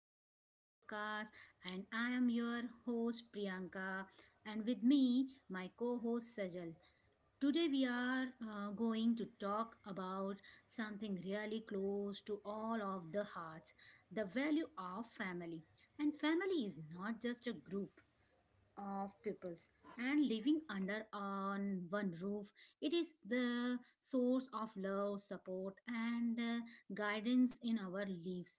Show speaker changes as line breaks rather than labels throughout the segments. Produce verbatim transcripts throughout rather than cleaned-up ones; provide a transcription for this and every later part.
to our podcast. And I am your host, Priyanka, and with me, my co host, Sajal. Today, we are uh, going to talk about something really close to all of the hearts the value of family. And family is not just a group, of peoples and living under on one roof it is the source of love support and uh, guidance in our lives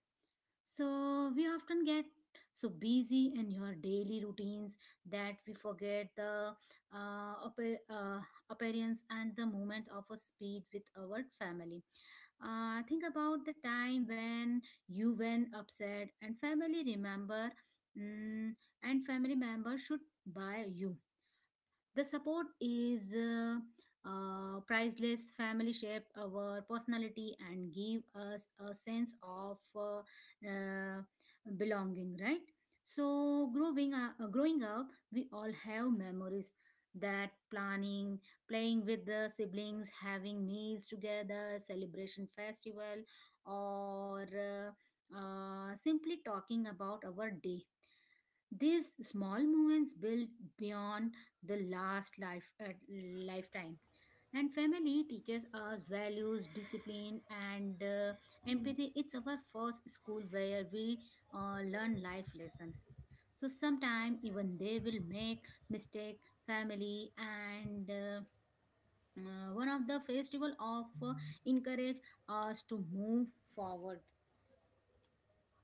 so we often get so busy in your daily routines that we forget the uh, appa- uh, appearance and the moment of a speed with our family. Uh, think about the time when you were upset and family remember mm, and family members should buy you the support is uh, uh, priceless. Family shape our personality and give us a sense of uh, uh, belonging. Right. So growing up, uh, growing up, we all have memories that planning, playing with the siblings, having meals together, celebration festival, or uh, uh, simply talking about our day. These small moments build beyond the last life uh, lifetime and family teaches us values discipline and uh, empathy it's our first school where we uh, learn life lesson so sometime even they will make mistake family and uh, uh, one of the festival of uh, encourage us to move forward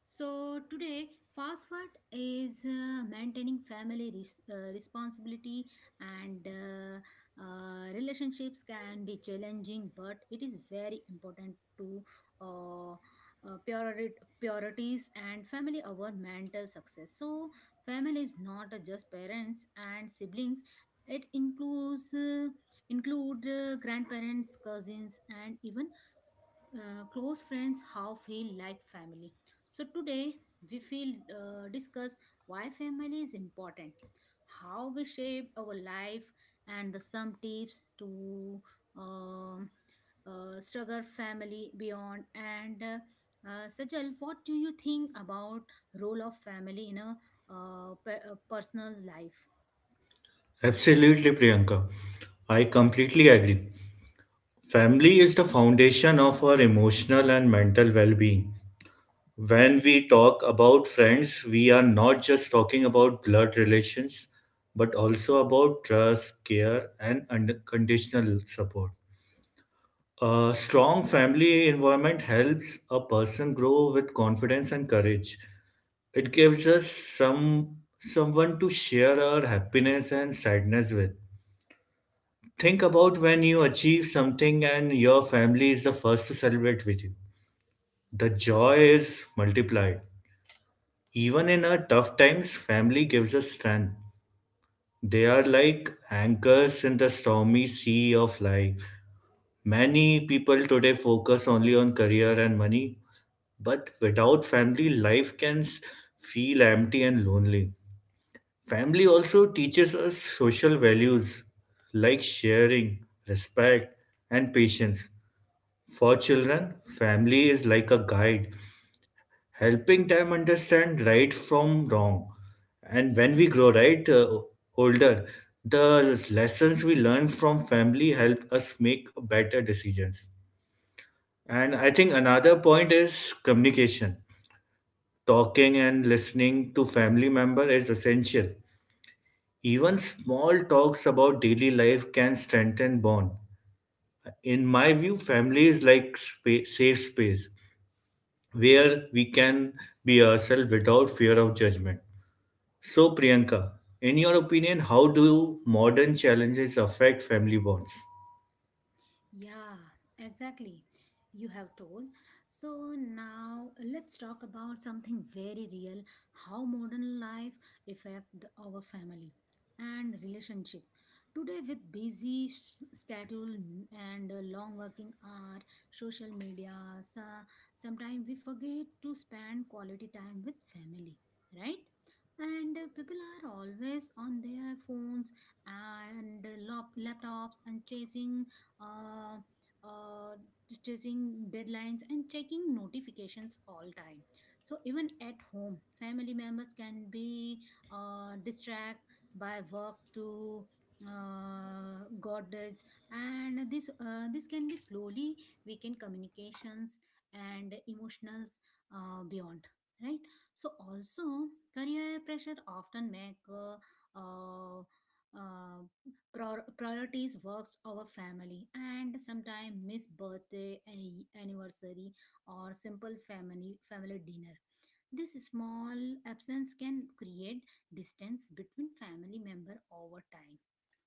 so today, fast food is uh, maintaining family res- uh, responsibility and uh, uh, relationships can be challenging, but it is very important to uh, uh, priori- priorities and family over mental success. So family is not just parents and siblings. It includes uh, include uh, grandparents, cousins, and even uh, close friends how feel like family so today we feel uh, discuss why family is important how we shape our life and the some tips to um uh, struggle family beyond and uh, uh, Sajal, what do you think about role of family in a uh, pe- uh, personal life?
Absolutely, Priyanka. I completely agree. Family is the foundation of our emotional and mental well being. When we talk about friends, we are not just talking about blood relations, but also about trust, care, and unconditional support. A strong family environment helps a person grow with confidence and courage. It gives us some someone to share our happiness and sadness with. Think about when you achieve something and your family is the first to celebrate with you. The joy is multiplied. Even in our tough times, family gives us strength. They are like anchors in the stormy sea of life. Many people today focus only on career and money, but without family, life can s- feel empty and lonely. Family also teaches us social values like sharing, respect, and patience. For children, family is like a guide, helping them understand right from wrong. And when we grow right uh, older, the lessons we learn from family help us make better decisions. And I think another point is communication. Talking and listening to family member is essential. Even small talks about daily life can strengthen bond. In my view, family is like spa- safe space where we can be ourselves without fear of judgment. So, Priyanka, in your opinion, how do modern challenges affect family bonds?
Yeah, exactly. You have told. So now let's talk about something very real how modern life affect the- our family and relationship. Today with busy s- schedule and uh, long working hour, social media, so sometimes we forget to spend quality time with family, right? And uh, people are always on their phones and uh, lap- laptops and chasing uh, uh, chasing deadlines and checking notifications all time so even at home family members can be uh, distracted by work to uh, goddads and this uh, this can be slowly weaken communications and emotionals uh, beyond right so also career pressure often make uh, uh, uh, Prior- priorities works over family and sometimes miss birthday a- anniversary or simple family family dinner this small absence can create distance between family member over time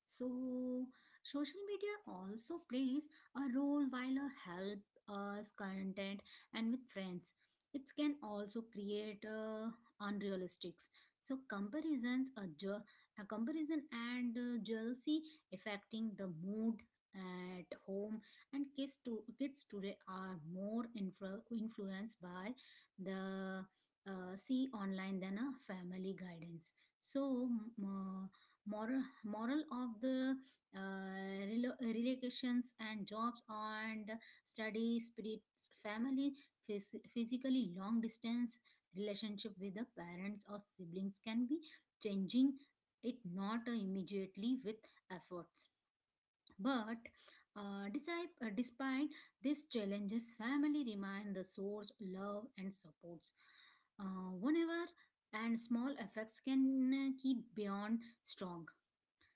so, social media also plays a role while uh, help us content and with friends. It can also create uh, unrealistics. So comparisons, a, ju- a comparison and uh, jealousy affecting the mood at home and kids to kids today are more influ- influenced by the uh, see online than a family guidance. So m- uh, moral moral of the uh, relo- relocations and jobs and study spirits family phys- physically long distance relationship with the parents or siblings can be changing it not uh, immediately with efforts but uh, despite, uh, despite these challenges family remain the source love and supports uh, whenever and small effects can uh, keep beyond strong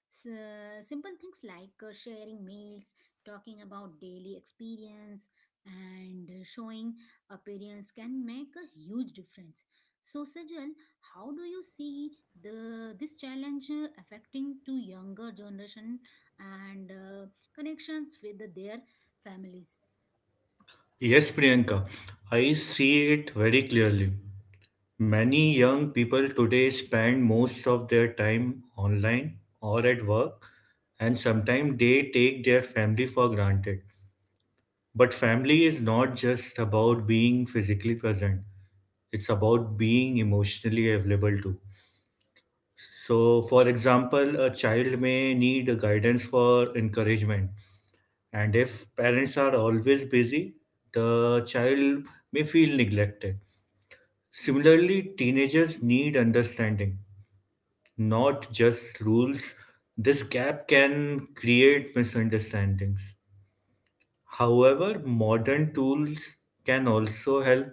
S- simple things like uh, sharing meals, talking about daily experience, and uh, showing appearance can make a huge difference. So, Sajal, how do you see the this challenge uh, affecting to younger generation and uh, connections with their families?
Yes, Priyanka, I see it very clearly. Many young people today spend most of their time online or at work, and sometimes they take their family for granted. But family is not just about being physically present, it's about being emotionally available too. So, for example, a child may need guidance for encouragement, and if parents are always busy, the child may feel neglected. Similarly, teenagers need understanding, not just rules. This gap can create misunderstandings. However, modern tools can also help.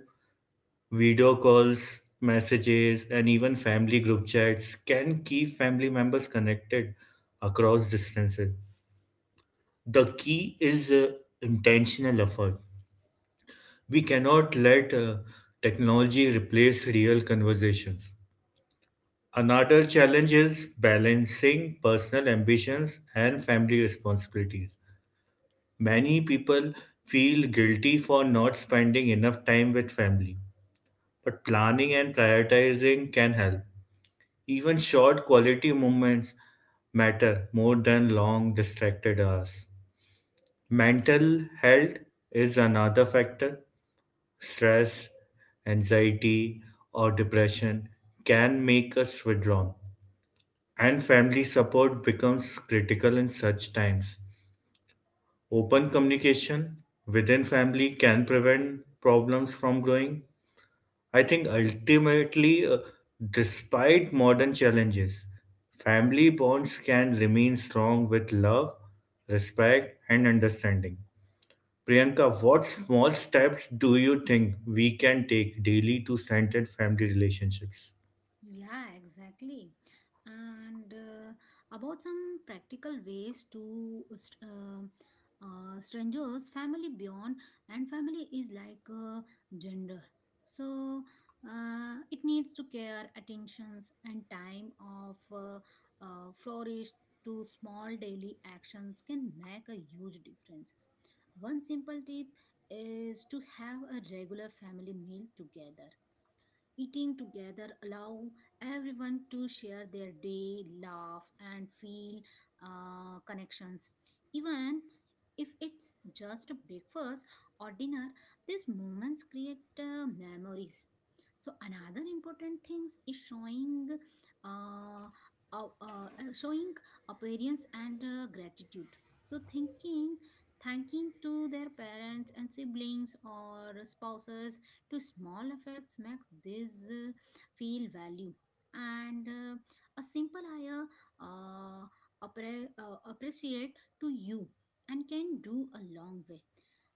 Video calls, messages, and even family group chats can keep family members connected across distances. The key is uh, intentional effort. We cannot let uh, technology replace real conversations. Another challenge is balancing personal ambitions and family responsibilities. Many people feel guilty for not spending enough time with family, but planning and prioritizing can help. Even short quality movements matter more than long distracted hours. Mental health is another factor. Stress, anxiety, or depression can make us withdrawn, and family support becomes critical in such times. Open communication within family can prevent problems from growing. I think ultimately, uh, despite modern challenges, family bonds can remain strong with love, respect, and understanding. Priyanka, what small steps do you think we can take daily to strengthen family relationships?
Yeah, exactly. And uh, about some practical ways to st- um uh, strangers, family beyond, and family is like uh, gender. So uh, it needs to care, attentions, and time of uh, uh, flourish to small daily actions can make a huge difference. One simple tip is to have a regular family meal together Eating together allow everyone to share their day, laugh, and feel uh, connections. Even if it's just a breakfast or dinner, these moments create uh, memories. So another important thing is showing, uh, uh, uh, uh, showing appearance and uh, gratitude. So thinking, thanking to their parents and siblings or spouses to small effects makes this uh, feel value and uh, a simple higher uh, appre- uh, appreciate to you and can do a long way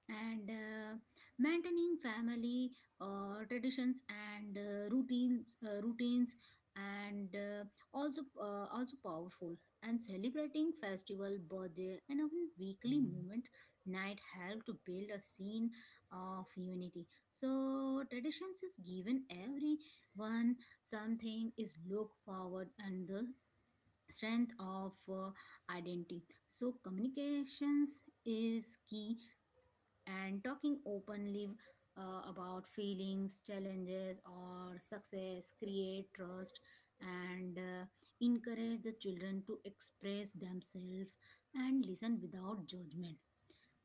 and uh, maintaining family uh, traditions and uh, routines uh, routines and uh, also uh, also powerful and celebrating festival birthday and even weekly moment night help to build a scene of unity so traditions is given everyone something is look forward and the strength of uh, identity. So communications is key and talking openly uh, about feelings, challenges or success create trust and uh, encourage the children to express themselves and listen without judgment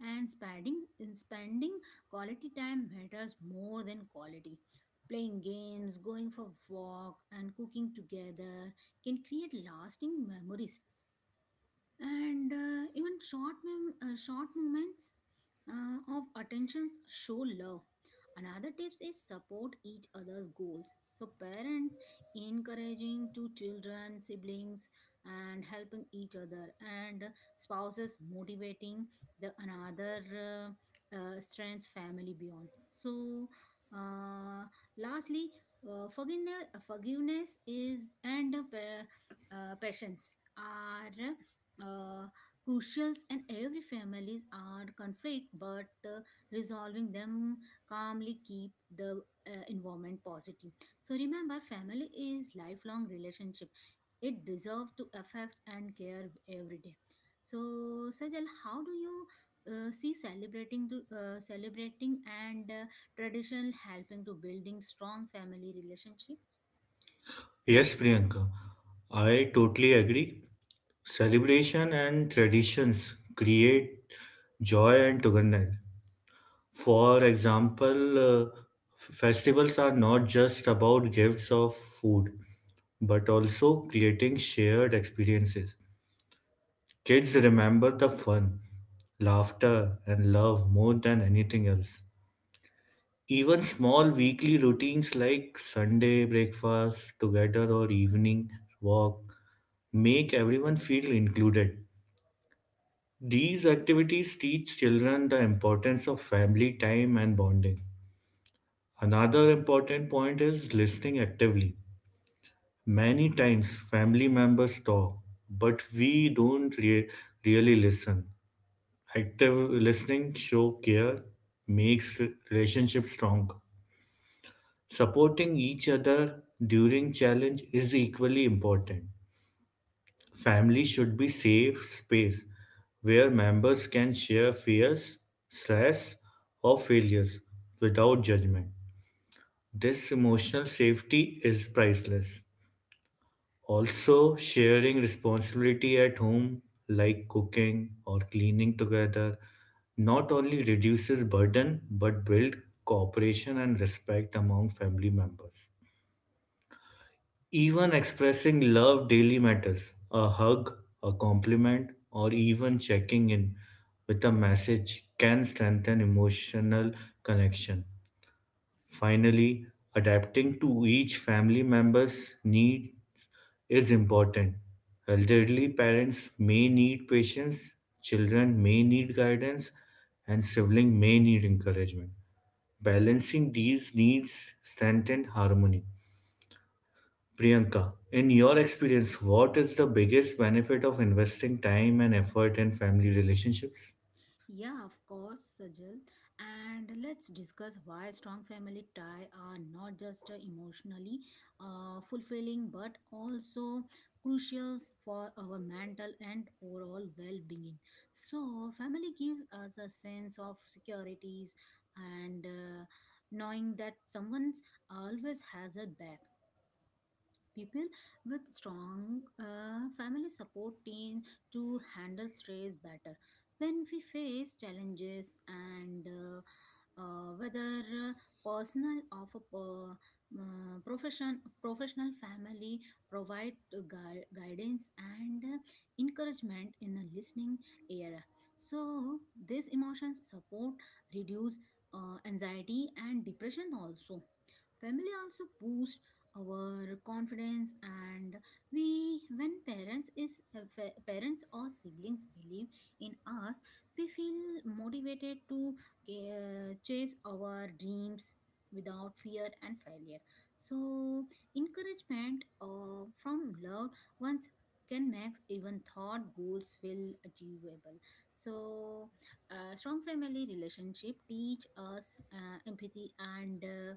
and spending in spending quality time matters more than quality playing games going for walk and cooking together can create lasting memories and uh, even short mem- uh, short moments uh, of attentions show love another tips is support each other's goals so parents encouraging to children siblings and helping each other and spouses motivating the another uh, uh, strengths family beyond so uh, lastly uh, forgiveness forgiveness is and uh, pa- uh, patience are uh, crucials and every families are conflict but uh, resolving them calmly keep the uh, environment positive so remember family is lifelong relationship it deserves to affect and care every day so sajal how do you uh, see celebrating to uh, celebrating and uh, traditional helping to building strong family relationship
Yes, Priyanka, I totally agree. Celebration and traditions create joy and togetherness. For example, uh, f- festivals are not just about gifts of food, but also creating shared experiences. Kids remember the fun, laughter, and love more than anything else. Even small weekly routines like Sunday breakfast together or evening walk make everyone feel included. These activities teach children the importance of family time and bonding. Another important point is listening actively. Many times family members talk, but we don't re- really listen. Active listening show care makes re- relationships strong. Supporting each other during challenge is equally important. Family should be safe space where members can share fears, stress, or failures without judgment. This emotional safety is priceless. Also, sharing responsibility at home, like cooking or cleaning together, not only reduces burden but build cooperation and respect among family members. Even expressing love daily matters. A hug, a compliment, or even checking in with a message can strengthen emotional connection. Finally, adapting to each family member's needs is important. Elderly parents may need patience, children may need guidance, and sibling may need encouragement. Balancing these needs strengthens harmony. Priyanka, in your experience, what is the biggest benefit of investing time and effort in family relationships?
Yeah, of course, Sajal. And let's discuss why strong family tie are not just uh, emotionally uh, fulfilling but also crucial for our mental and overall well-being. So, family gives us a sense of securities and uh, knowing that someone always has a back. People with strong uh, family support team to handle stress better. When we face challenges and uh, uh, whether uh, personal or uh, uh, profession, professional family provide uh, gui- guidance and uh, encouragement in a listening era. So these emotions support reduce uh, anxiety and depression also Family also boosts our confidence and we when parents is uh, fa- parents or siblings believe in us we feel motivated to uh, chase our dreams without fear and failure so encouragement uh, from love once can make even thought goals feel achievable so uh, strong family relationship teach us uh, empathy and uh,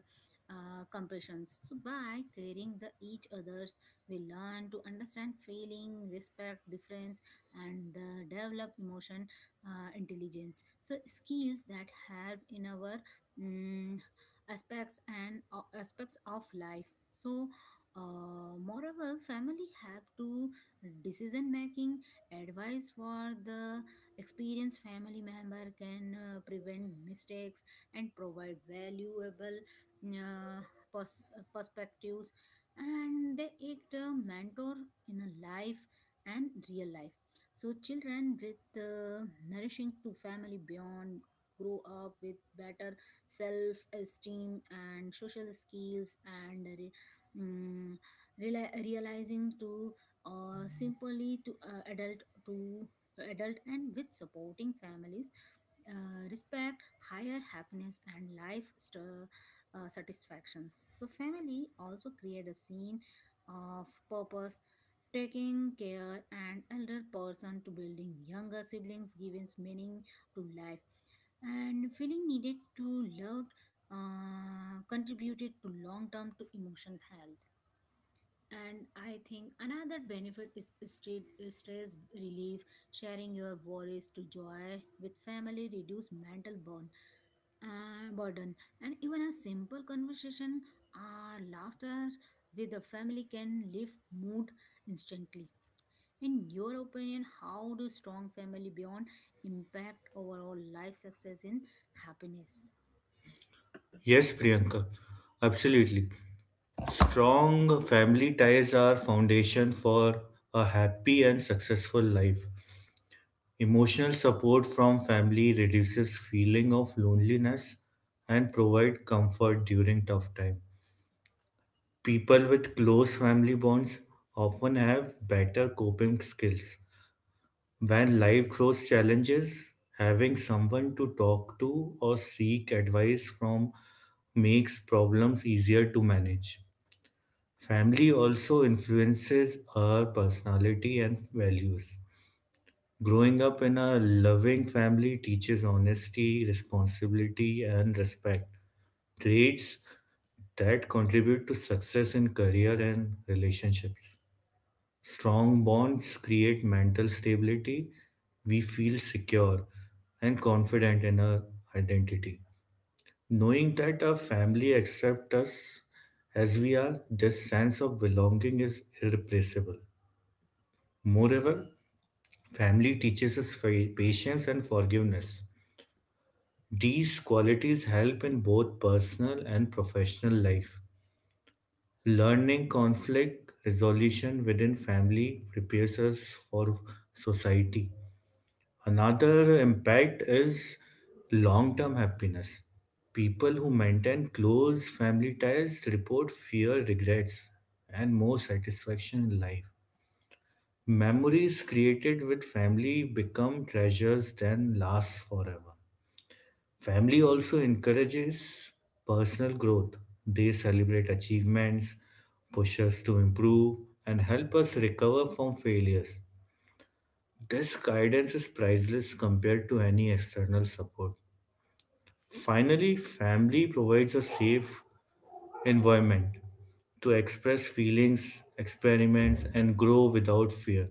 uh, compassions. So, by caring the each others, we learn to understand feeling, respect difference, and uh, develop emotion uh, intelligence. So, skills that help in our mm, aspects and uh, aspects of life. So. Uh, moreover, family help to decision making. Advice for the experienced family member can uh, prevent mistakes and provide valuable uh, pers- uh, perspectives and they act a mentor in a life and real life so children with uh, nourishing to family beyond grow up with better self esteem and social skills and re- mm, reali- realizing to uh, simply to uh, adult to adult and with supporting families uh, respect higher happiness and life uh, satisfactions. So, family also create a scene of purpose, taking care and elder person to building younger siblings, giving meaning to life, and feeling needed to love uh, contributed to long term to emotional health. And I think another benefit is street stress relief. Sharing your worries to joy with family reduce mental burn, uh, burden, and even a simple conversation or laughter with the family can lift mood instantly. In your opinion, how do strong family beyond impact overall life success in happiness?
Yes, Priyanka, absolutely. Strong family ties are foundation for a happy and successful life. Emotional support from family reduces feeling of loneliness and provide comfort during tough time. People with close family bonds often have better coping skills. When life throws challenges, having someone to talk to or seek advice from makes problems easier to manage. Family also influences our personality and values. Growing up in a loving family teaches honesty, responsibility, and respect, traits that contribute to success in career and relationships. Strong bonds create mental stability. We feel secure and confident in our identity. Knowing that our family accepts us as we are, this sense of belonging is irreplaceable. Moreover, family teaches us fa- patience and forgiveness. These qualities help in both personal and professional life. Learning conflict resolution within family prepares us for society. Another impact is long term happiness. People who maintain close family ties report fewer regrets and more satisfaction in life. Memories created with family become treasures that last forever. Family also encourages personal growth. They celebrate achievements, push us to improve, and help us recover from failures. This guidance is priceless compared to any external support. Finally, family provides a safe environment to express feelings, experiments, and grow without fear.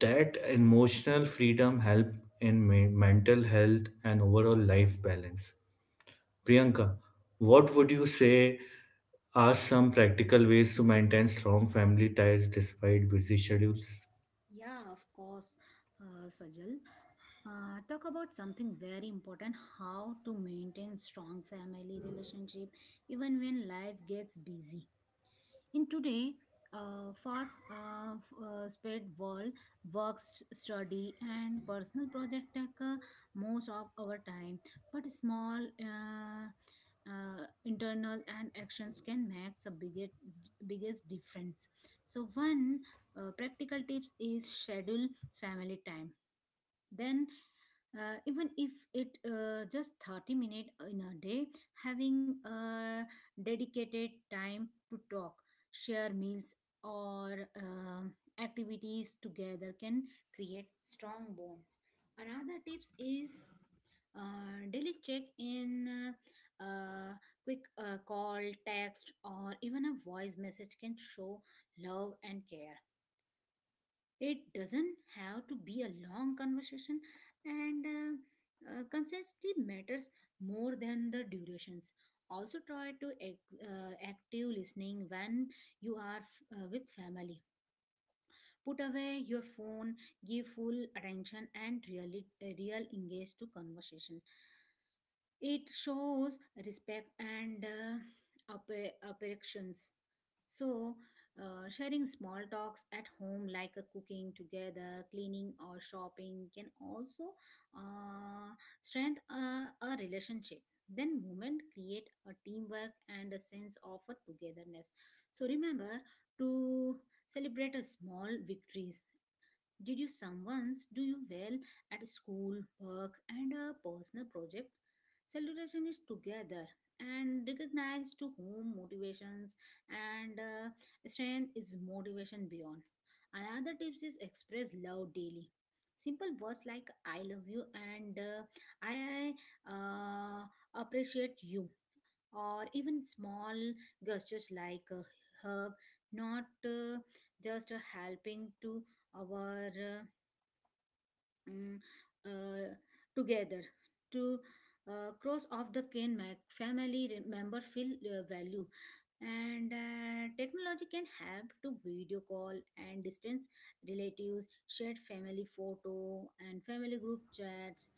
That emotional freedom helps in me- mental health and overall life balance. Priyanka, what would you say are some practical ways to maintain strong family ties despite busy schedules?
Yeah, of course, uh, Sajal. Uh, talk about something very important how to maintain strong family relationship even when life gets busy in today, uh, fast uh, f- uh, spread world, work, s- study, and personal project take uh, most of our time. But small uh, uh, internal and actions can make the biggest biggest difference. So one uh, practical tips is schedule family time. Then uh, even if it uh, just thirty minutes in a day having uh, dedicated time to talk share meals or um activities together can create strong bond another tips is uh, daily check in uh, uh, quick uh, call text or even a voice message can show love and care it doesn't have to be a long conversation, and uh, uh, consistency matters more than the durations. Also, try to ex- uh, active listening when you are f- uh, with family. Put away your phone, give full attention, and really uh, real engage to conversation. It shows respect and uh, appe- affections. So, uh, sharing small talks at home, like uh, cooking together, cleaning, or shopping, can also uh, strengthen a, a relationship. Then, movement create a teamwork and a sense of a togetherness. So, remember to celebrate a small victories did you someone's do you well at school, work, and a personal project? Celebration is together and recognize to whom motivations and uh, strength is motivation beyond. Another tips is express love daily. Simple words like "I love you" and uh, "I uh, appreciate you," or even small gestures like a hug, not uh, just a helping to our. Uh, mm, uh, together to uh, cross off the cane mac family member feel uh, value, and uh, technology can help to video call and distance relatives shared family photo and family group chats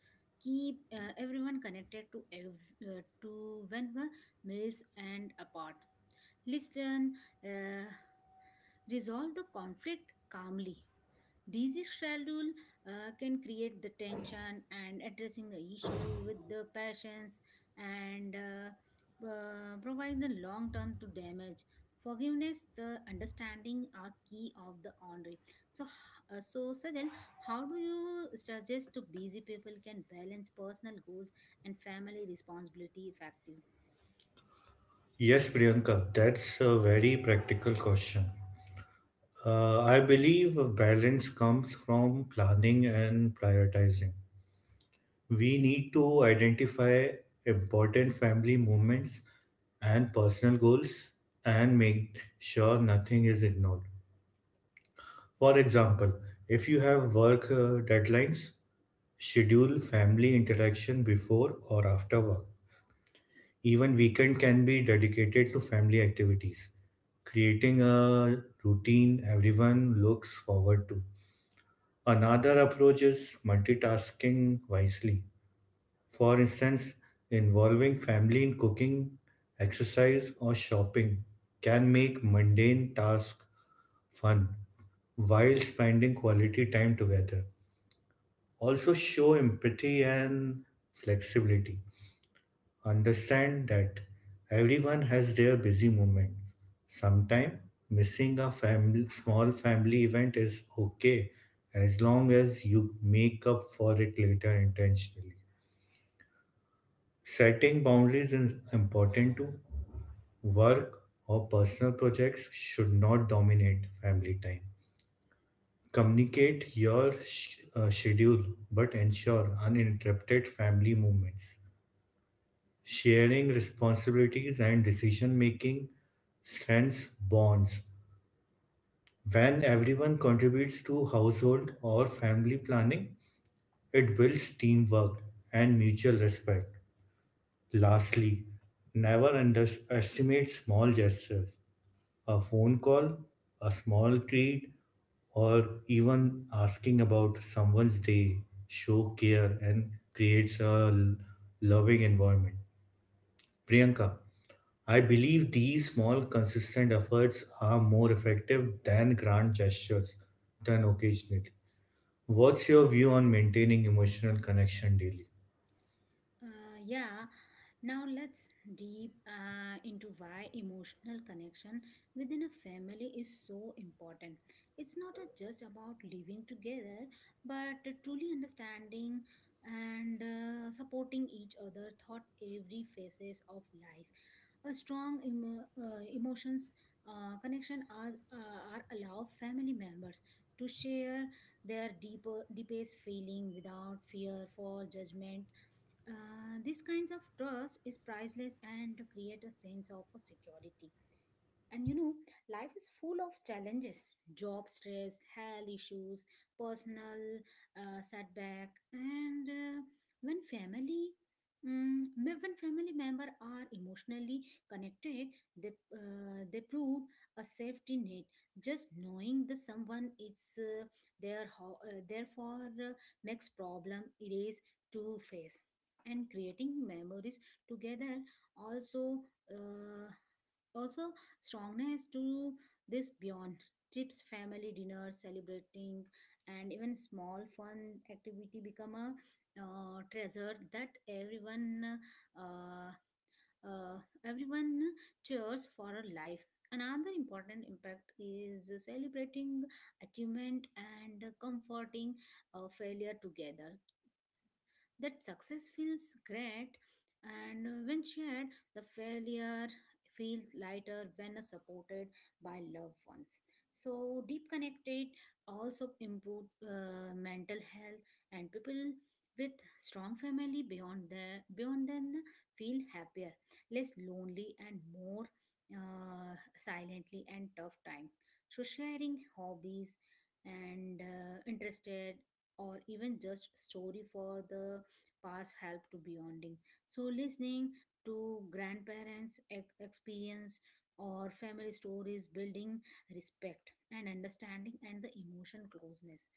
keep uh, everyone connected to ev- uh, to when were meals and apart. Listen, uh, resolve the conflict calmly. Busy schedule uh, can create the tension, and addressing the issue with the patience and uh, uh, provide the long term to damage. Forgiveness, the understanding are key of the honoring. So, uh, so Sajal, how do you suggest to busy people can balance personal goals and family responsibility effectively?
Yes, Priyanka, that's a very practical question. Uh, I believe balance comes from planning and prioritizing. We need to identify important family moments and personal goals and make sure nothing is ignored. For example, if you have work uh, deadlines, schedule family interaction before or after work. Even weekend can be dedicated to family activities, creating a routine everyone looks forward to. Another approach is multitasking wisely. For instance, involving family in cooking, exercise, or shopping can make mundane tasks fun while spending quality time together. Also, show empathy and flexibility. Understand that everyone has their busy moments. Sometimes missing a family, small family event is okay as long as you make up for it later intentionally. Setting boundaries is important too. Work or personal projects should not dominate family time. Communicate your sh- uh, schedule but ensure uninterrupted family moments. Sharing responsibilities and decision making strengthens bonds. When everyone contributes to household or family planning, it builds teamwork and mutual respect. Lastly, never underestimate small gestures. A phone call, a small treat, or even asking about someone's day show care and creates a l- loving environment. Priyanka, I believe these small, consistent efforts are more effective than grand gestures done occasionally. What's your view on maintaining emotional connection daily?
Uh, yeah, now let's deep uh, into why emotional connection within a family is so important. It's not a- just about living together, but truly understanding and uh, supporting each other throughout every phases of life. A strong emo- uh, emotions uh, connection are, uh, are allow family members to share their deeper deepest feeling without fear for judgment. Uh, this kinds of trust is priceless and create a sense of security. And you know, life is full of challenges, job stress, health issues, personal uh, setback, and uh, when family. mm, me- when family member are emotionally connected, they, uh, they prove a safety net. Just knowing that someone is uh, there, ho- uh, therefore, uh, makes problem erase to face. And creating memories together also uh, also strongness to this beyond trips family dinners celebrating and even small fun activity become a uh, treasure that everyone uh, uh, everyone cheers for a life. Another important impact is celebrating achievement and comforting uh, failure together, that success feels great, and when shared the failure feels lighter when supported by loved ones. So deep connected also improve uh, mental health, and people with strong family beyond the beyond then feel happier, less lonely, and more uh, silently and tough time. So sharing hobbies and uh, interested, or even just story for the past help to bonding. So listening to grandparents' ex- experience or family stories building respect and understanding and the emotion closeness.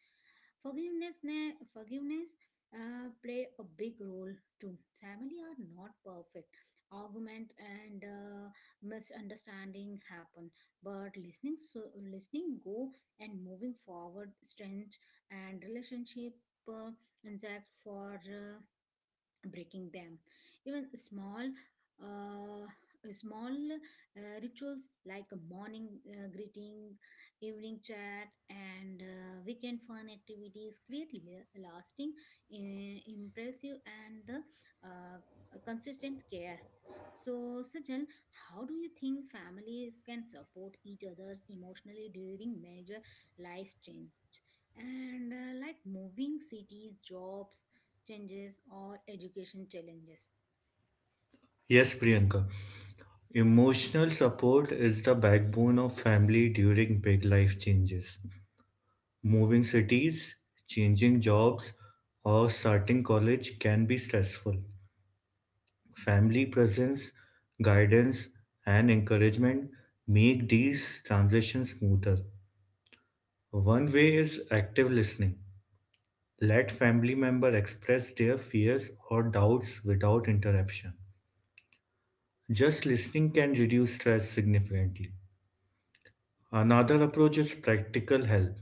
Forgiveness, ne- forgiveness uh, play a big role too. Family are not perfect. Argument and uh, misunderstanding happen, but listening, so listening, go and moving forward, strength and relationship. Uh, intact for uh, breaking them. Even small uh, small uh, rituals like a morning uh, greeting, evening chat, and uh, weekend fun activities create la- lasting i- impressive and the uh, consistent care. So Sajal, how do you think families can support each others emotionally during major life changes and uh, like moving cities, jobs changes, or education challenges?
Yes, Priyanka. Emotional support is the backbone of family during big life changes. Moving cities, changing jobs, or starting college can be stressful. Family presence, guidance, and encouragement make these transitions smoother. One way is active listening. Let family members express their fears or doubts without interruption. Just listening can reduce stress significantly. Another approach is practical help.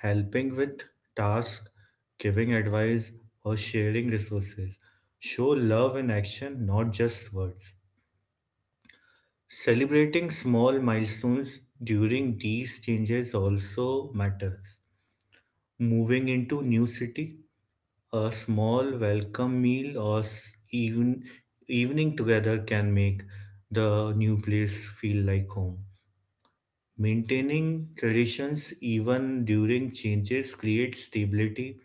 Helping with tasks, giving advice, or sharing resources. Show love in action, not just words. Celebrating small milestones during these changes also matters. Moving into new city. A small welcome meal or s- even evening together can make the new place feel like home. Maintaining traditions even during changes creates stability.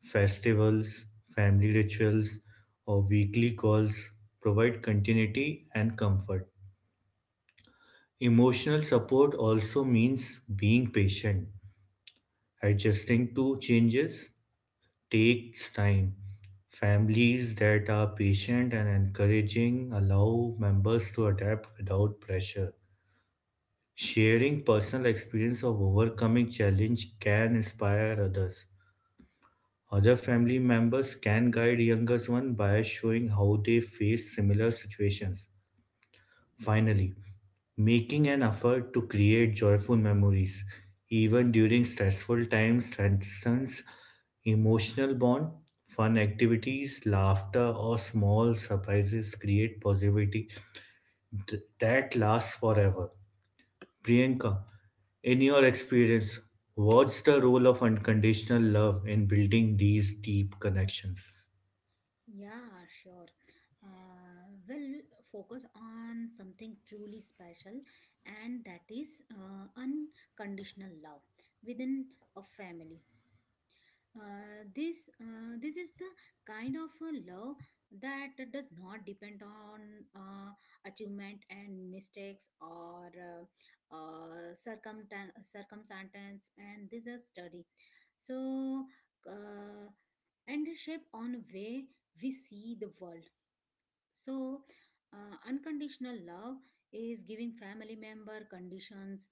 Festivals, family rituals, or weekly calls provide continuity and comfort. Emotional support also means being patient, adjusting to changes, takes time. Families that are patient and encouraging allow members to adapt without pressure. Sharing personal experience of overcoming challenge can inspire others. Other family members can guide younger ones by showing how they face similar situations. Finally, making an effort to create joyful memories, even during stressful times, strengthens emotional bond, fun activities, laughter, or small surprises create positivity th- that lasts forever. Priyanka, in your experience, what's the role of unconditional love in building these deep connections?
Yeah, sure. Uh, we'll focus on something truly special, and that is uh, unconditional love within a family. Uh, this uh, this is the kind of a love that does not depend on uh, achievement and mistakes, or uh, uh, circumta- circumstance, and this is study. So, uh, and shape on way we see the world. So, uh, unconditional love is giving family member conditions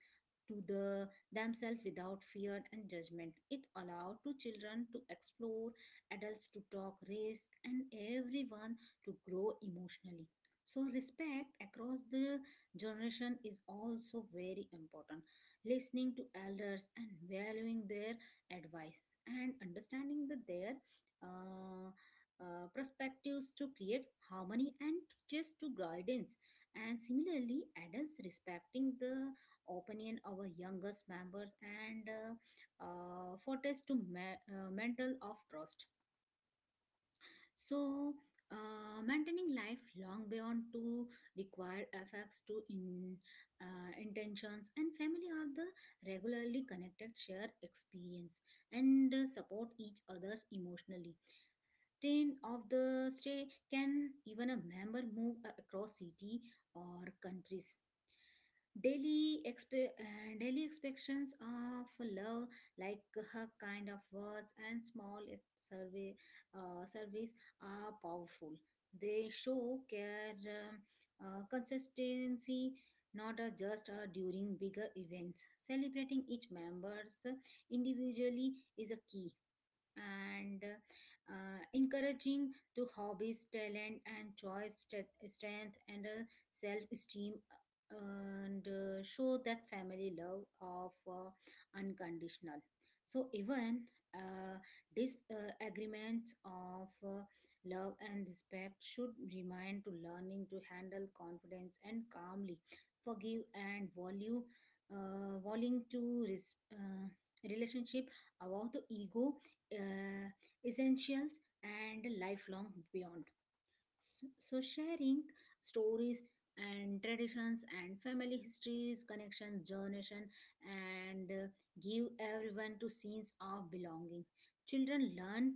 to the themselves without fear and judgment. It allowed to children to explore, adults to talk, risk, and everyone to grow emotionally. So, respect across the generation is also very important. Listening to elders and valuing their advice and understanding that their uh, uh, perspectives to create harmony and just to guidance, and similarly adults respecting the opinion of our youngest members and uh, uh, fortress to ma- uh, mental of trust. So, uh, maintaining life long beyond to require effects to in uh, intentions, and family are the regularly connected share experience and uh, support each others emotionally train of the stay can even a member move a- across city or countries. Daily expe- uh, daily expectations of love, like her kind of words and small survey uh, surveys are powerful. They show care, um, uh, consistency not uh, just uh, during bigger events, celebrating each members individually is a key. And uh, encouraging to hobbies talent and choice st- strength and uh, self-esteem, uh, and uh, show that family love of uh, unconditional. So even uh, disagreements of uh, love and respect should remind to learning to handle confidence and calmly forgive and value, uh, wanting to res- uh, relationship about the ego, uh, essentials and lifelong beyond. So, so sharing stories and traditions and family histories, connections, generation, and uh, give everyone to sense of belonging. Children learn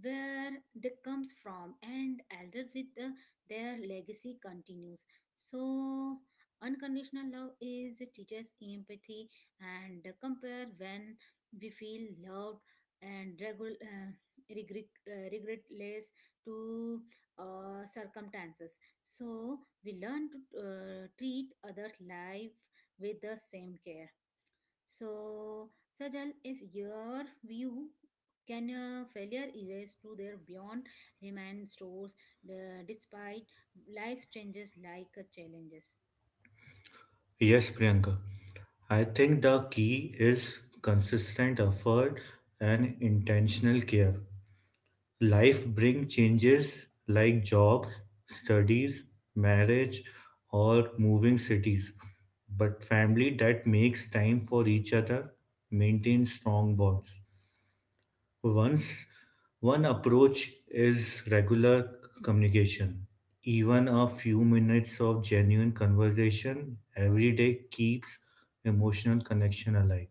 where they comes from, and elder with the, their legacy continues. So unconditional love is teaches empathy and compare when we feel loved and regul- uh, regret, uh, regret less to uh, circumstances. So we learn to uh, treat other life with the same care. So Sajal, if your view, can a failure erase to their beyond remain stores uh, despite life changes like uh, challenges?
Yes, Priyanka. I think the key is consistent effort and intentional care. Life brings changes like jobs, studies, marriage, or moving cities. But family that makes time for each other maintains strong bonds. Once One approach is regular communication. Even a few minutes of genuine conversation every day keeps emotional connection alive.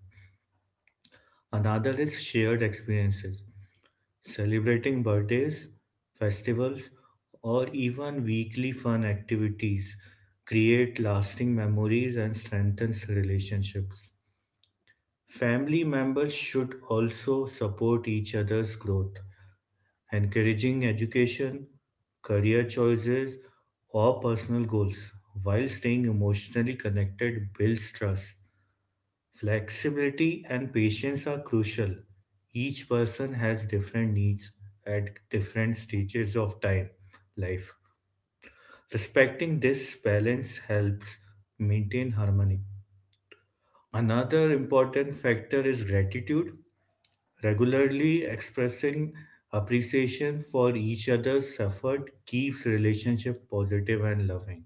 Another is shared experiences. Celebrating birthdays, festivals, or even weekly fun activities create lasting memories and strengthens relationships. Family members should also support each other's growth, encouraging education, career choices, or personal goals while staying emotionally connected builds trust. Flexibility and patience are crucial. Each person has different needs at different stages of time, life. Respecting this balance helps maintain harmony. Another important factor is gratitude. Regularly expressing appreciation for each other's effort keeps relationship positive and loving.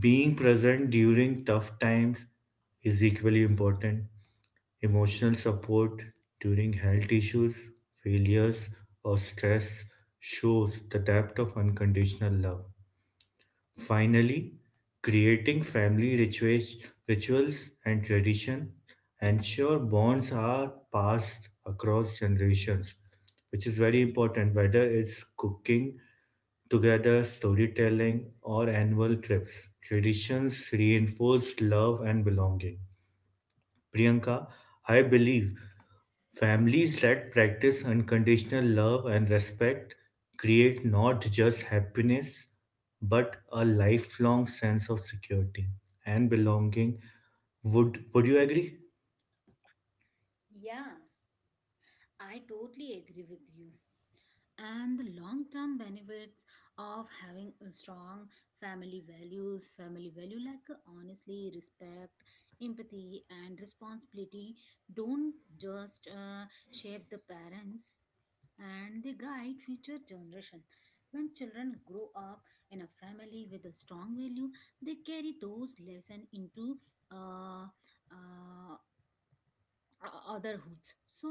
Being present during tough times is equally important. Emotional support during health issues, failures, or stress shows the depth of unconditional love. Finally, creating family ritua- rituals and tradition ensure bonds are passed across generations, which is very important, whether it's cooking together, storytelling, or annual trips. Traditions reinforce love and belonging. Priyanka, I believe families that practice unconditional love and respect create not just happiness but a lifelong sense of security and belonging. Would would you agree?
Yeah, I totally agree with you. And the long term benefits of having a strong family values family value, like uh, honestly respect empathy and responsibility, don't just uh, shape the parents, and they guide future generation. When children grow up in a family with a strong value, they carry those lessons into uh, uh, o- otherhoods. So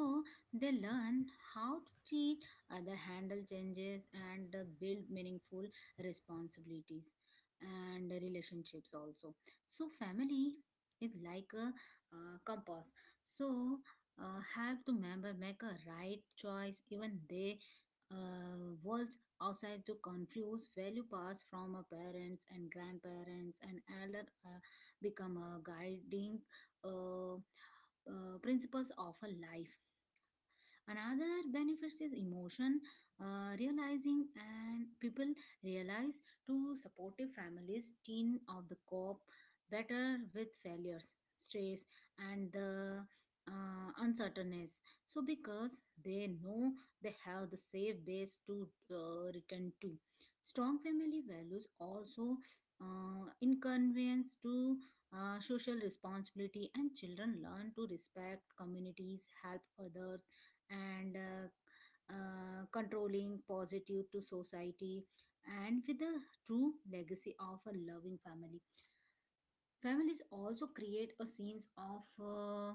they learn how to treat other handle changes and uh, build meaningful responsibilities and relationships also. So family is like a uh, compass. So uh, help to member make a right choice, even they uh, worlds outside to confuse value passed from a parents and grandparents and elder uh, become a guiding uh, uh, principles of a life. Another benefits is emotion uh, realizing, and people realize to supportive families teen of the cope better with failures, stress, and the uh, uncertainties. So because they know they have the safe base to uh, return to. Strong family values also uh, inconvenience to uh, social responsibility, and children learn to respect communities, help others, and uh, uh, controlling positive to society, and with the true legacy of a loving family. Families also create a sense of uh,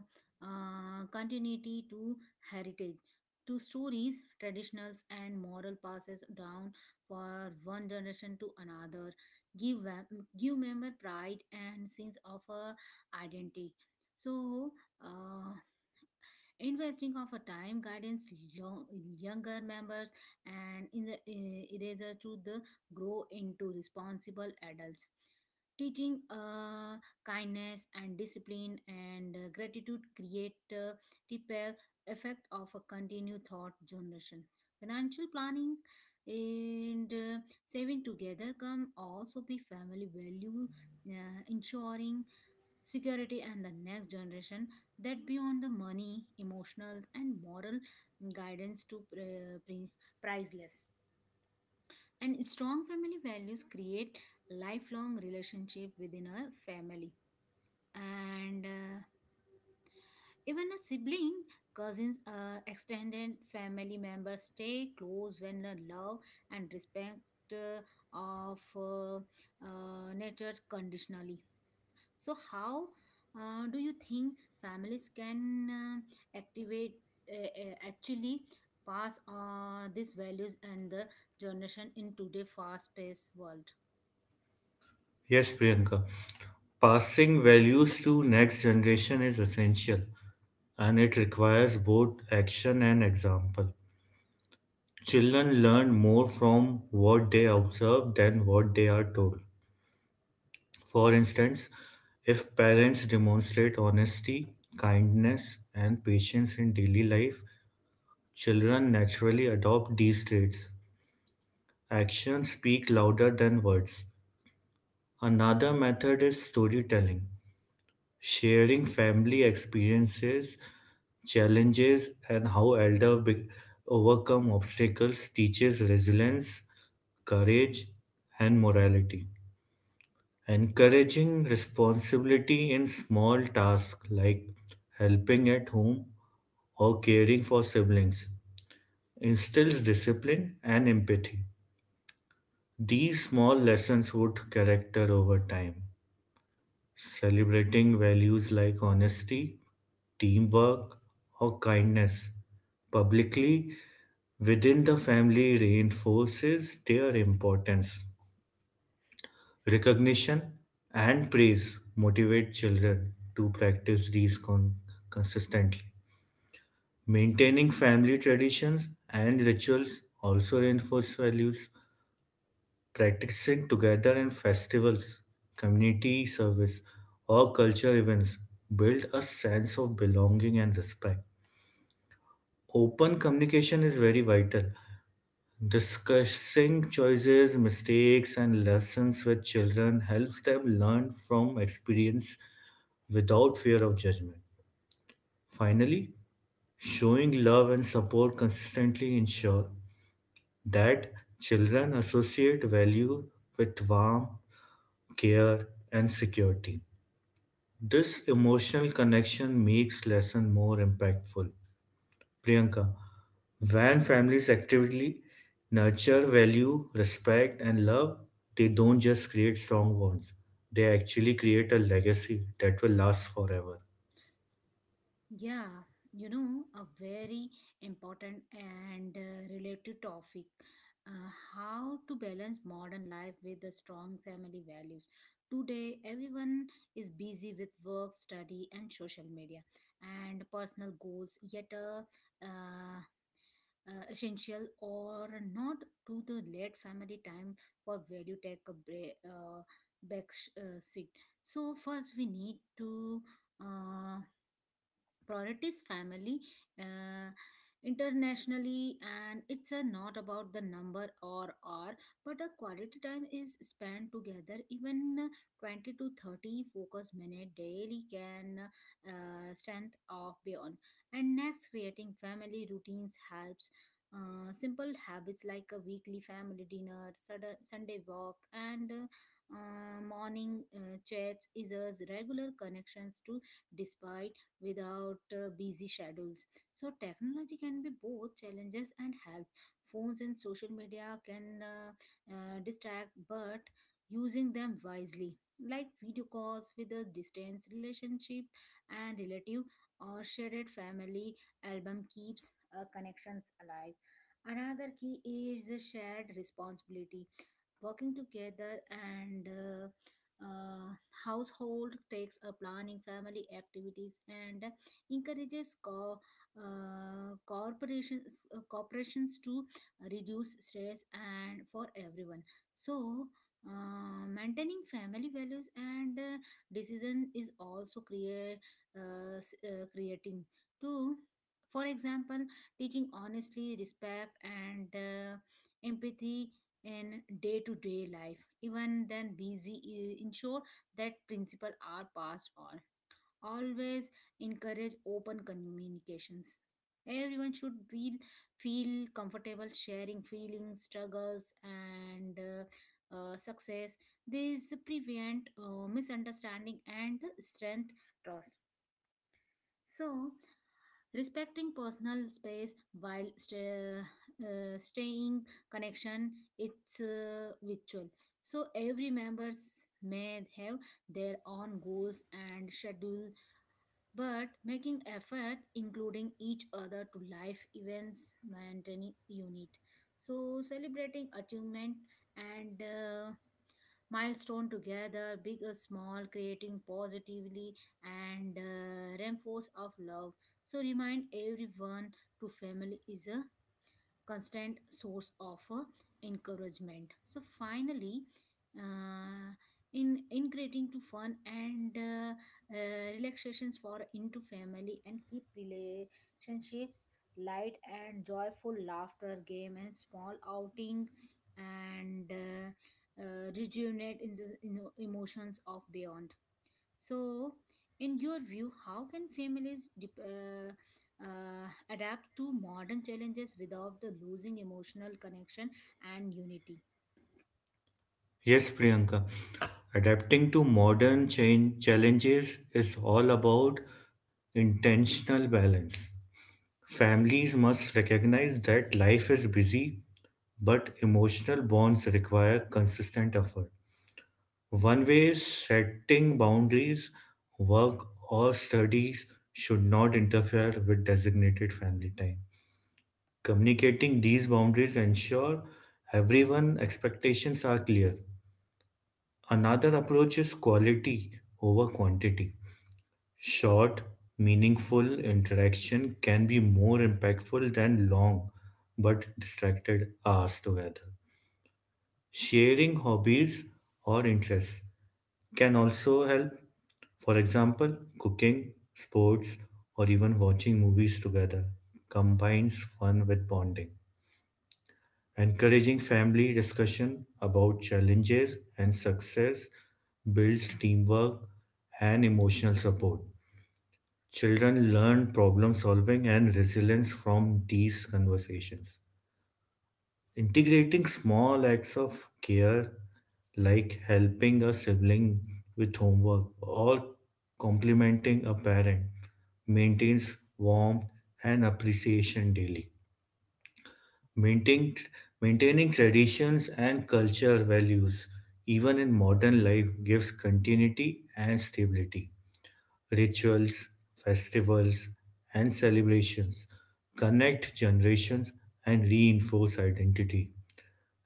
uh, continuity to heritage, to stories, traditionals, and moral passes down for one generation to another, give vam- give member pride and sense of uh, identity. So uh, investing of a time guidance, lo- younger members, and in the eh, eraser to the grow into responsible adults, teaching uh, kindness and discipline and uh, gratitude create uh, repel effect of a continued thought generations. Financial planning and uh, saving together come also be family value, uh, ensuring security and the next generation, that beyond the money emotional and moral guidance to uh, pri- priceless. And strong family values create lifelong relationship within a family, and uh, even a sibling, cousins, uh, extended family members stay close when the love and respect uh, of uh, uh, nature conditionally. So, how uh, do you think families can uh, activate uh, uh, actually pass uh, these values and the generation in today fast-paced world?
Yes, Priyanka. Passing values to next generation is essential and it requires both action and example. Children learn more from what they observe than what they are told. For instance, if parents demonstrate honesty, kindness, and patience in daily life, children naturally adopt these traits. Actions speak louder than words. Another method is storytelling, sharing family experiences, challenges, and how elders be- overcome obstacles teaches resilience, courage, and morality. Encouraging responsibility in small tasks like helping at home or caring for siblings instills discipline and empathy. These small lessons would character over time. Celebrating values like honesty, teamwork, or kindness publicly within the family reinforces their importance. Recognition and praise motivate children to practice these con- consistently. Maintaining family traditions and rituals also reinforce values. Practicing together in festivals, community service, or culture events build a sense of belonging and respect. Open communication is very vital. Discussing choices, mistakes, and lessons with children helps them learn from experience without fear of judgment. Finally, showing love and support consistently ensure that children associate value with warmth, care, and security. This emotional connection makes lesson more impactful. Priyanka, when families actively nurture value, respect, and love, they don't just create strong bonds, they actually create a legacy that will last forever.
Yeah, you know, a very important and uh, related topic, uh, how to balance modern life with the strong family values. Today, everyone is busy with work, study, and social media and personal goals, yet uh, uh, uh, essential or not to the late family time for value take a break, uh, back sh- uh, seat. So first we need to uh, priorities family uh, internationally, and it's uh, not about the number or hour but a quality time is spent together, even uh, twenty to thirty focus minute daily can uh, strength of beyond. And next creating family routines helps, uh, simple habits like a weekly family dinner, Sud- Sunday walk, and uh, uh, morning uh, chats is a regular connections to despite without uh, busy schedules. So, technology can be both challenges and help. Phones and social media can uh, uh, distract, but using them wisely, like video calls with a distance relationship and relative or shared family album, keeps uh, connections alive. Another key is the shared responsibility, working together and uh, uh, household takes a planning family activities and encourages co- uh, corporations uh, corporations to reduce stress and for everyone. So uh, maintaining family values and uh, decision is also create uh, s- uh, creating to, for example, teaching honestly respect and uh, empathy in day-to-day life even then busy uh, ensure that principle are passed on. Always encourage open communications, everyone should feel feel comfortable sharing feelings struggles and uh, uh, success. This prevent uh, misunderstanding and strength trust. So, respecting personal space while sta- uh, staying connection it's uh, virtual. So every members may have their own goals and schedule, but making efforts including each other to life events maintaining unit. So celebrating achievement and uh, milestone together, big or small, creating positively and uh, reinforce of love. So remind everyone to family is a constant source of uh, encouragement. So finally, uh, in integrating to fun and uh, uh, relaxations for into family and keep relationships light and joyful laughter game and small outing and uh, uh, rejuvenate in the you know, emotions of beyond so, in your view, how can families dep uh, uh, adapt to modern challenges without the losing emotional connection and unity?
Yes, Priyanka, adapting to modern change challenges is all about intentional balance. Families must recognize that life is busy, but emotional bonds require consistent effort. One way setting boundaries, work, or studies should not interfere with designated family time. Communicating these boundaries ensure everyone expectations are clear. Another approach is quality over quantity. Short, meaningful interaction can be more impactful than long but distracted hours together. Sharing hobbies or interests can also help. For example, cooking, sports, or even watching movies together combines fun with bonding, encouraging family discussion about challenges and success builds teamwork and emotional support. Children learn problem solving and resilience from these conversations. Integrating small acts of care, like helping a sibling with homework or complimenting a parent, maintains warmth and appreciation daily. Maintaining, maintaining traditions and cultural values, even in modern life, gives continuity and stability. Rituals, festivals, and celebrations connect generations and reinforce identity.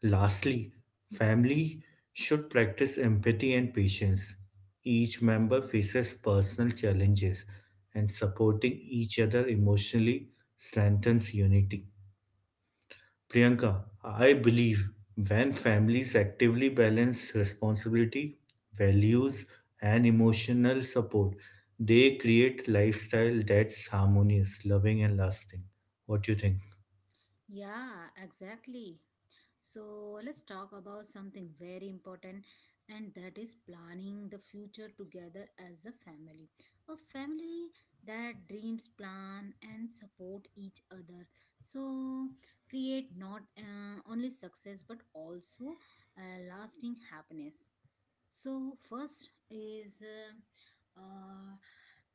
Lastly, family should practice empathy and patience. Each member faces personal challenges, and supporting each other emotionally strengthens unity. Priyanka, I believe when families actively balance responsibility, values, and emotional support, they create lifestyle that's harmonious, loving, and lasting. What do you think?
Yeah, exactly. So let's talk about something very important, and that is planning the future together as a family. A family that dreams, plan, and support each other. So create not uh, only success but also uh, lasting happiness. So first is uh, uh,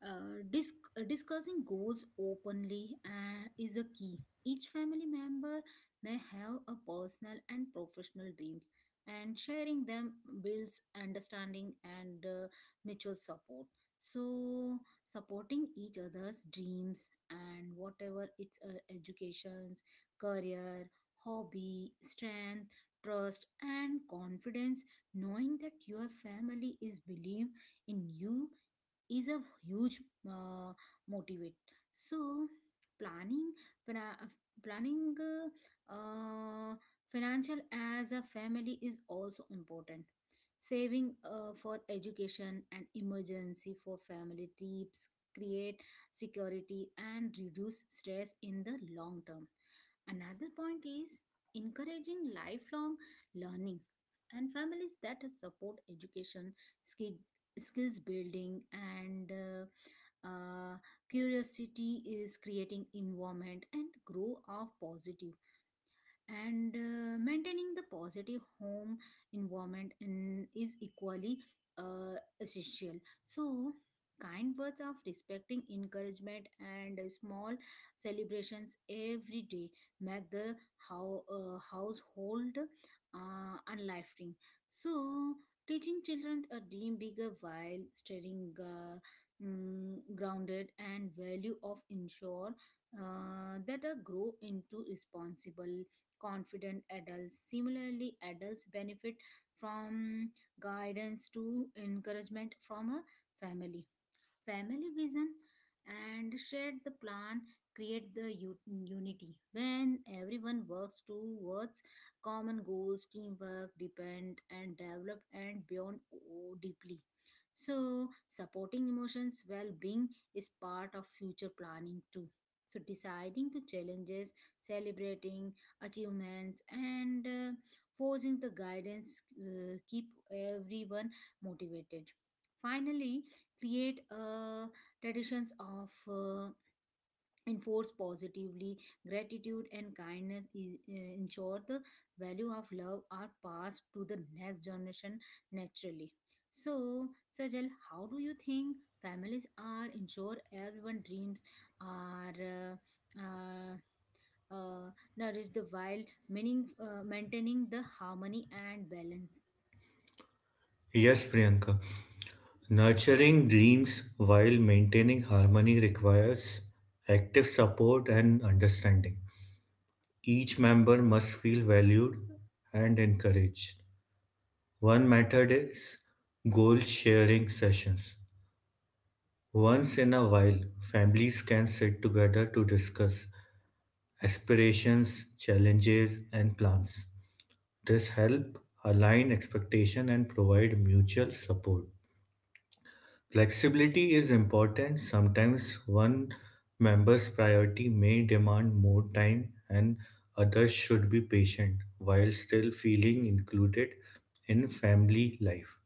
uh, disc- uh, discussing goals openly uh, is a key. Each family member may have a personal and professional dreams, and sharing them builds understanding and uh, mutual support. So supporting each other's dreams and whatever it's uh, educations, career, hobby, strength, trust, and confidence knowing that your family is believe in you is a huge uh, motivate so planning fina- uh, planning uh, uh, financial as a family is also important saving uh, for education and emergency for family trips create security and reduce stress in the long term another point is encouraging lifelong learning and families that support education skill, skills building and uh, uh, curiosity is creating environment and grow of positive and uh, maintaining the positive home environment in, is equally uh, essential so kind words of respecting encouragement and uh, small celebrations every day make the how, uh, household uh, unlifting so teaching children a dream bigger while staying uh, mm, grounded and value of ensure uh, that a grow into responsible confident adults. Similarly, adults benefit from guidance to encouragement from a family family vision and share the plan create the u- unity when everyone works towards common goals teamwork depend and develop and beyond oh, deeply so supporting emotions well-being is part of future planning too so deciding to challenges celebrating achievements and uh, forcing the guidance uh, keep everyone motivated finally create uh, traditions of uh, enforce positively gratitude and kindness is, uh, ensure the value of love are passed to the next generation naturally so Sajal how do you think families are ensure everyone dreams are uh, uh, uh, nourished while meaning, uh, maintaining the harmony and balance.
Yes, Priyanka. Nurturing dreams while maintaining harmony requires active support and understanding. Each member must feel valued and encouraged. One method is goal sharing sessions. Once in a while, families can sit together to discuss aspirations, challenges, and plans. This helps align expectation and provide mutual support. Flexibility is important. Sometimes one member's priority may demand more time, and others should be patient while still feeling included in family life.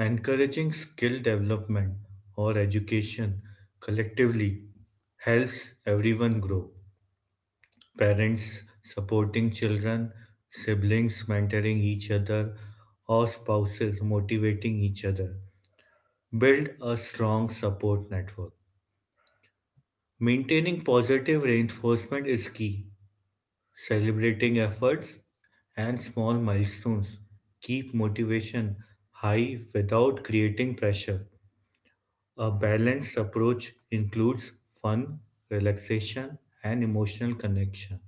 Encouraging skill development or education collectively helps everyone grow. Parents supporting children, siblings mentoring each other, or spouses motivating each other build a strong support network. Maintaining positive reinforcement is key. Celebrating efforts and small milestones keep motivation high without creating pressure. A balanced approach includes fun, relaxation, and emotional connection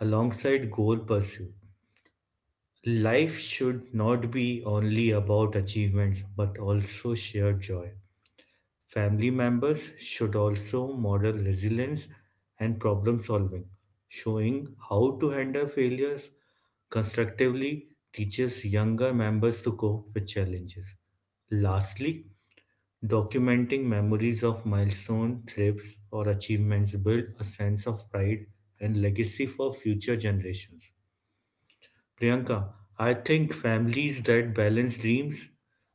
alongside goal pursuit. Life should not be only about achievements but also shared joy. Family members should also model resilience and problem solving. Showing how to handle failures constructively teaches younger members to cope with challenges. Lastly, documenting memories of milestone trips or achievements build a sense of pride and legacy for future generations. Priyanka, I think families that balance dreams,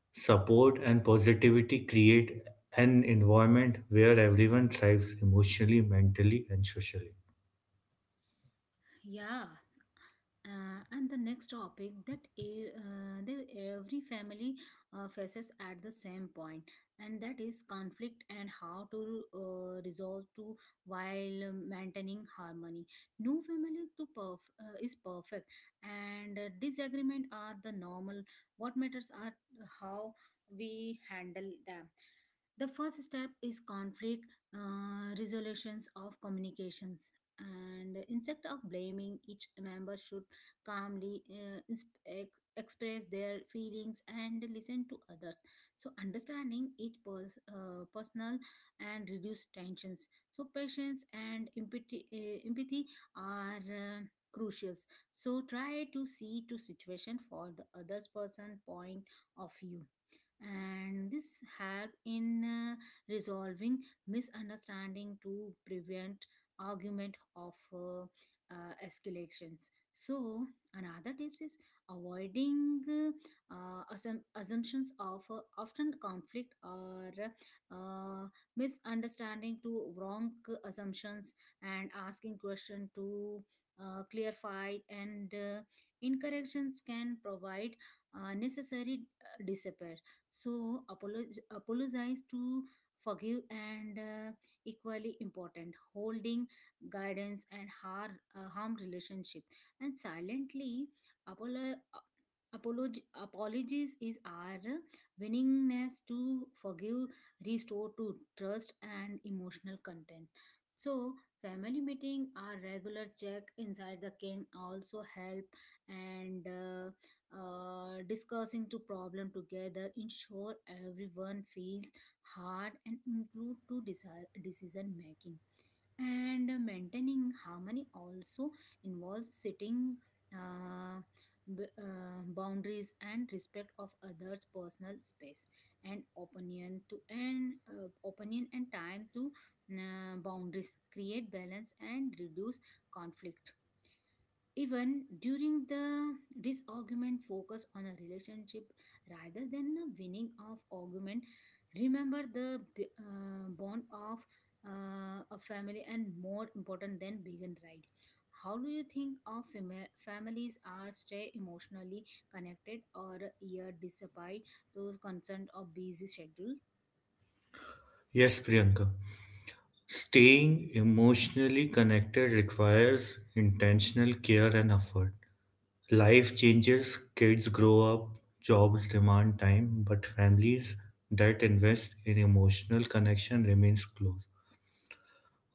support, and positivity create an environment where everyone thrives emotionally, mentally, and socially.
Yeah. Uh, and the next topic that e- uh, that every family uh, faces at the same point, and that is conflict and how to uh, resolve to while maintaining harmony. No family to perf- uh, is perfect, and uh, disagreement are the normal. What matters are how we handle them the first step is conflict uh, resolutions of communications and instead of blaming each member should calmly uh, ins- ex- express their feelings and listen to others so understanding each pers- uh, personal and reduce tensions so patience and empathy, uh, empathy are uh, crucials so try to see to situation for the others person point of view and this help in uh, resolving misunderstanding to prevent argument of uh, uh, escalations so another tips is avoiding uh, assum- assumptions of uh, often conflict or uh, misunderstanding to wrong assumptions and asking question to uh, clarify and uh, incorrections can provide uh, necessary uh, disappear so apologize, apologize to forgive and uh, equally important holding guidance and har- uh, harm relationship and silently apolo- uh, apolog- apologies is our willingness to forgive restore to trust and emotional content so family meeting our regular check inside the king also help and uh, uh, discussing the problem together ensure everyone feels heard and include to desi- decision making and maintaining harmony also involves setting uh, b- uh, boundaries and respect of others personal space and opinion to and uh, opinion and time to uh, boundaries create balance and reduce conflict even during the this argument focus on a relationship rather than the winning of argument. Remember the b- uh, bond of uh, a family and more important than begin right. How do you think of fami- families are stay emotionally connected or year despite those consent of busy schedule?
Yes, Priyanka. Staying emotionally connected requires intentional care and effort. Life changes, kids grow up, jobs demand time, but families that invest in emotional connection remains close.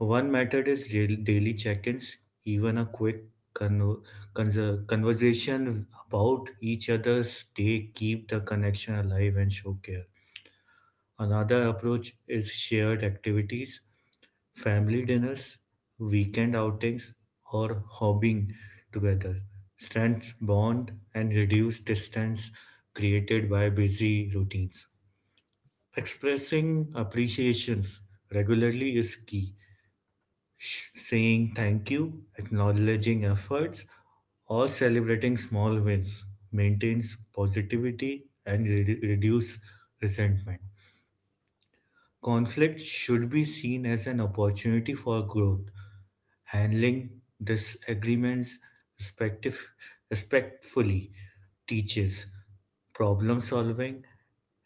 One method is dail- daily check ins, even a quick con- conser- conversation about each other's day keep the connection alive and show care. Another approach is shared activities, family dinners, weekend outings, or hobbying together. Strength bond and reduce distance created by busy routines. Expressing appreciations regularly is key. Saying thank you, acknowledging efforts, or celebrating small wins maintains positivity and redu- reduce resentment. Conflict should be seen as an opportunity for growth. Handling disagreements respective, respectfully teaches problem solving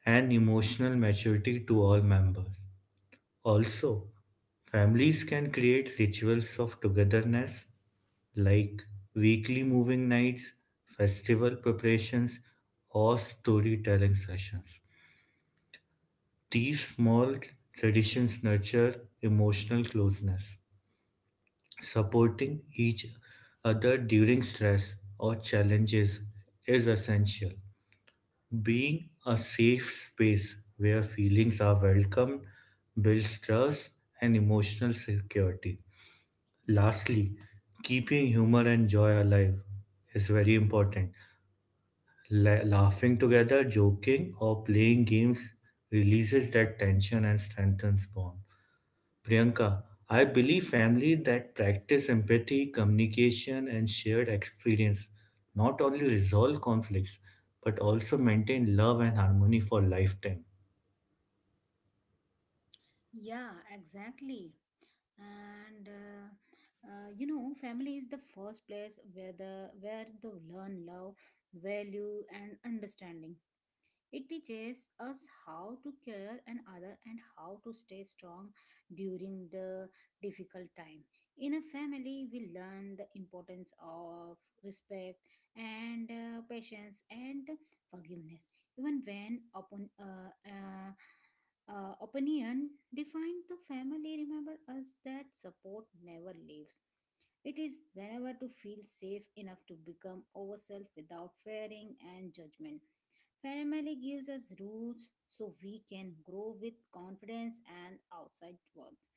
and emotional maturity to all members. Also, families can create rituals of togetherness like weekly moving nights, festival preparations, or storytelling sessions. These small traditions nurture emotional closeness, supporting each other during stress or challenges is essential. Being a safe space where feelings are welcomed builds trust and emotional security. Lastly, keeping humor and joy alive is very important. La- laughing together, joking, or playing games releases that tension and strengthens bond. Priyanka, I believe family that practice empathy, communication, and shared experience not only resolve conflicts but also maintain love and harmony for lifetime.
Yeah, exactly. And uh, uh, you know, family is the first place where the where the learn love, value, and understanding. It teaches us how to care and other and how to stay strong during the difficult time. In a family, we learn the importance of respect and uh, patience and forgiveness, even when upon uh, uh, uh, opinion defined the family remember us that support never leaves it is whenever to feel safe enough to become ourselves without fearing and judgment. Family gives us roots so we can grow with confidence and outside worlds.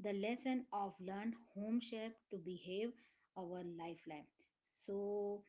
The lesson of learned home shape to behave our lifeline. So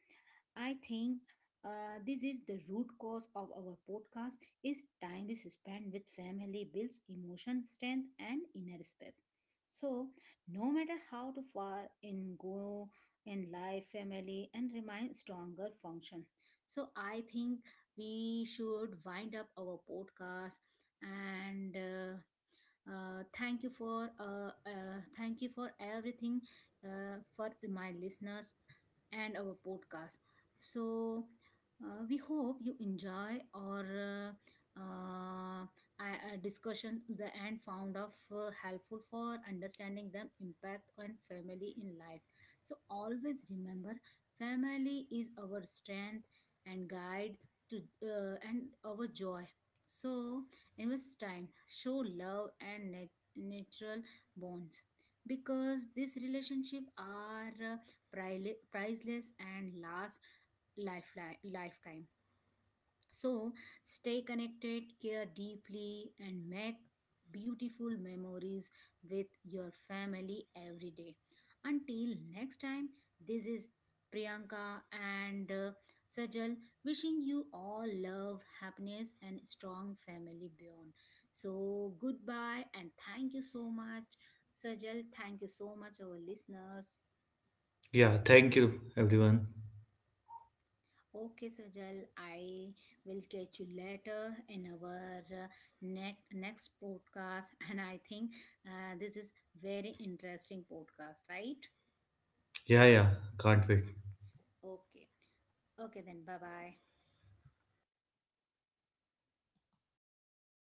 I think uh, this is the root cause of our podcast is time is spent with family builds emotion strength and inner space. So no matter how to far in go in life, family and remain stronger function. So I think we should wind up our podcast and uh, uh, thank you for uh, uh, thank you for everything uh, for my listeners and our podcast so uh, we hope you enjoy our uh, uh, I- uh, discussion the and found of uh, helpful for understanding them impact on family in life. So always remember, family is our strength and guide to uh, and our joy. So invest time, show love and nat- natural bonds because these relationships are uh, prile- priceless and last lifeline, lifetime. So stay connected, care deeply, and make beautiful memories with your family every day. Until next time, this is Priyanka and uh, Sajal wishing you all love, happiness, and strong family beyond. So goodbye and thank you so much, Sajal. Thank you so much, our listeners.
Yeah, thank you, everyone.
Okay, Sajal, I will catch you later in our uh, net, next podcast. And I think uh, this is very interesting podcast, right?
Yeah, yeah, can't wait.
Okay. Okay, then. Bye bye.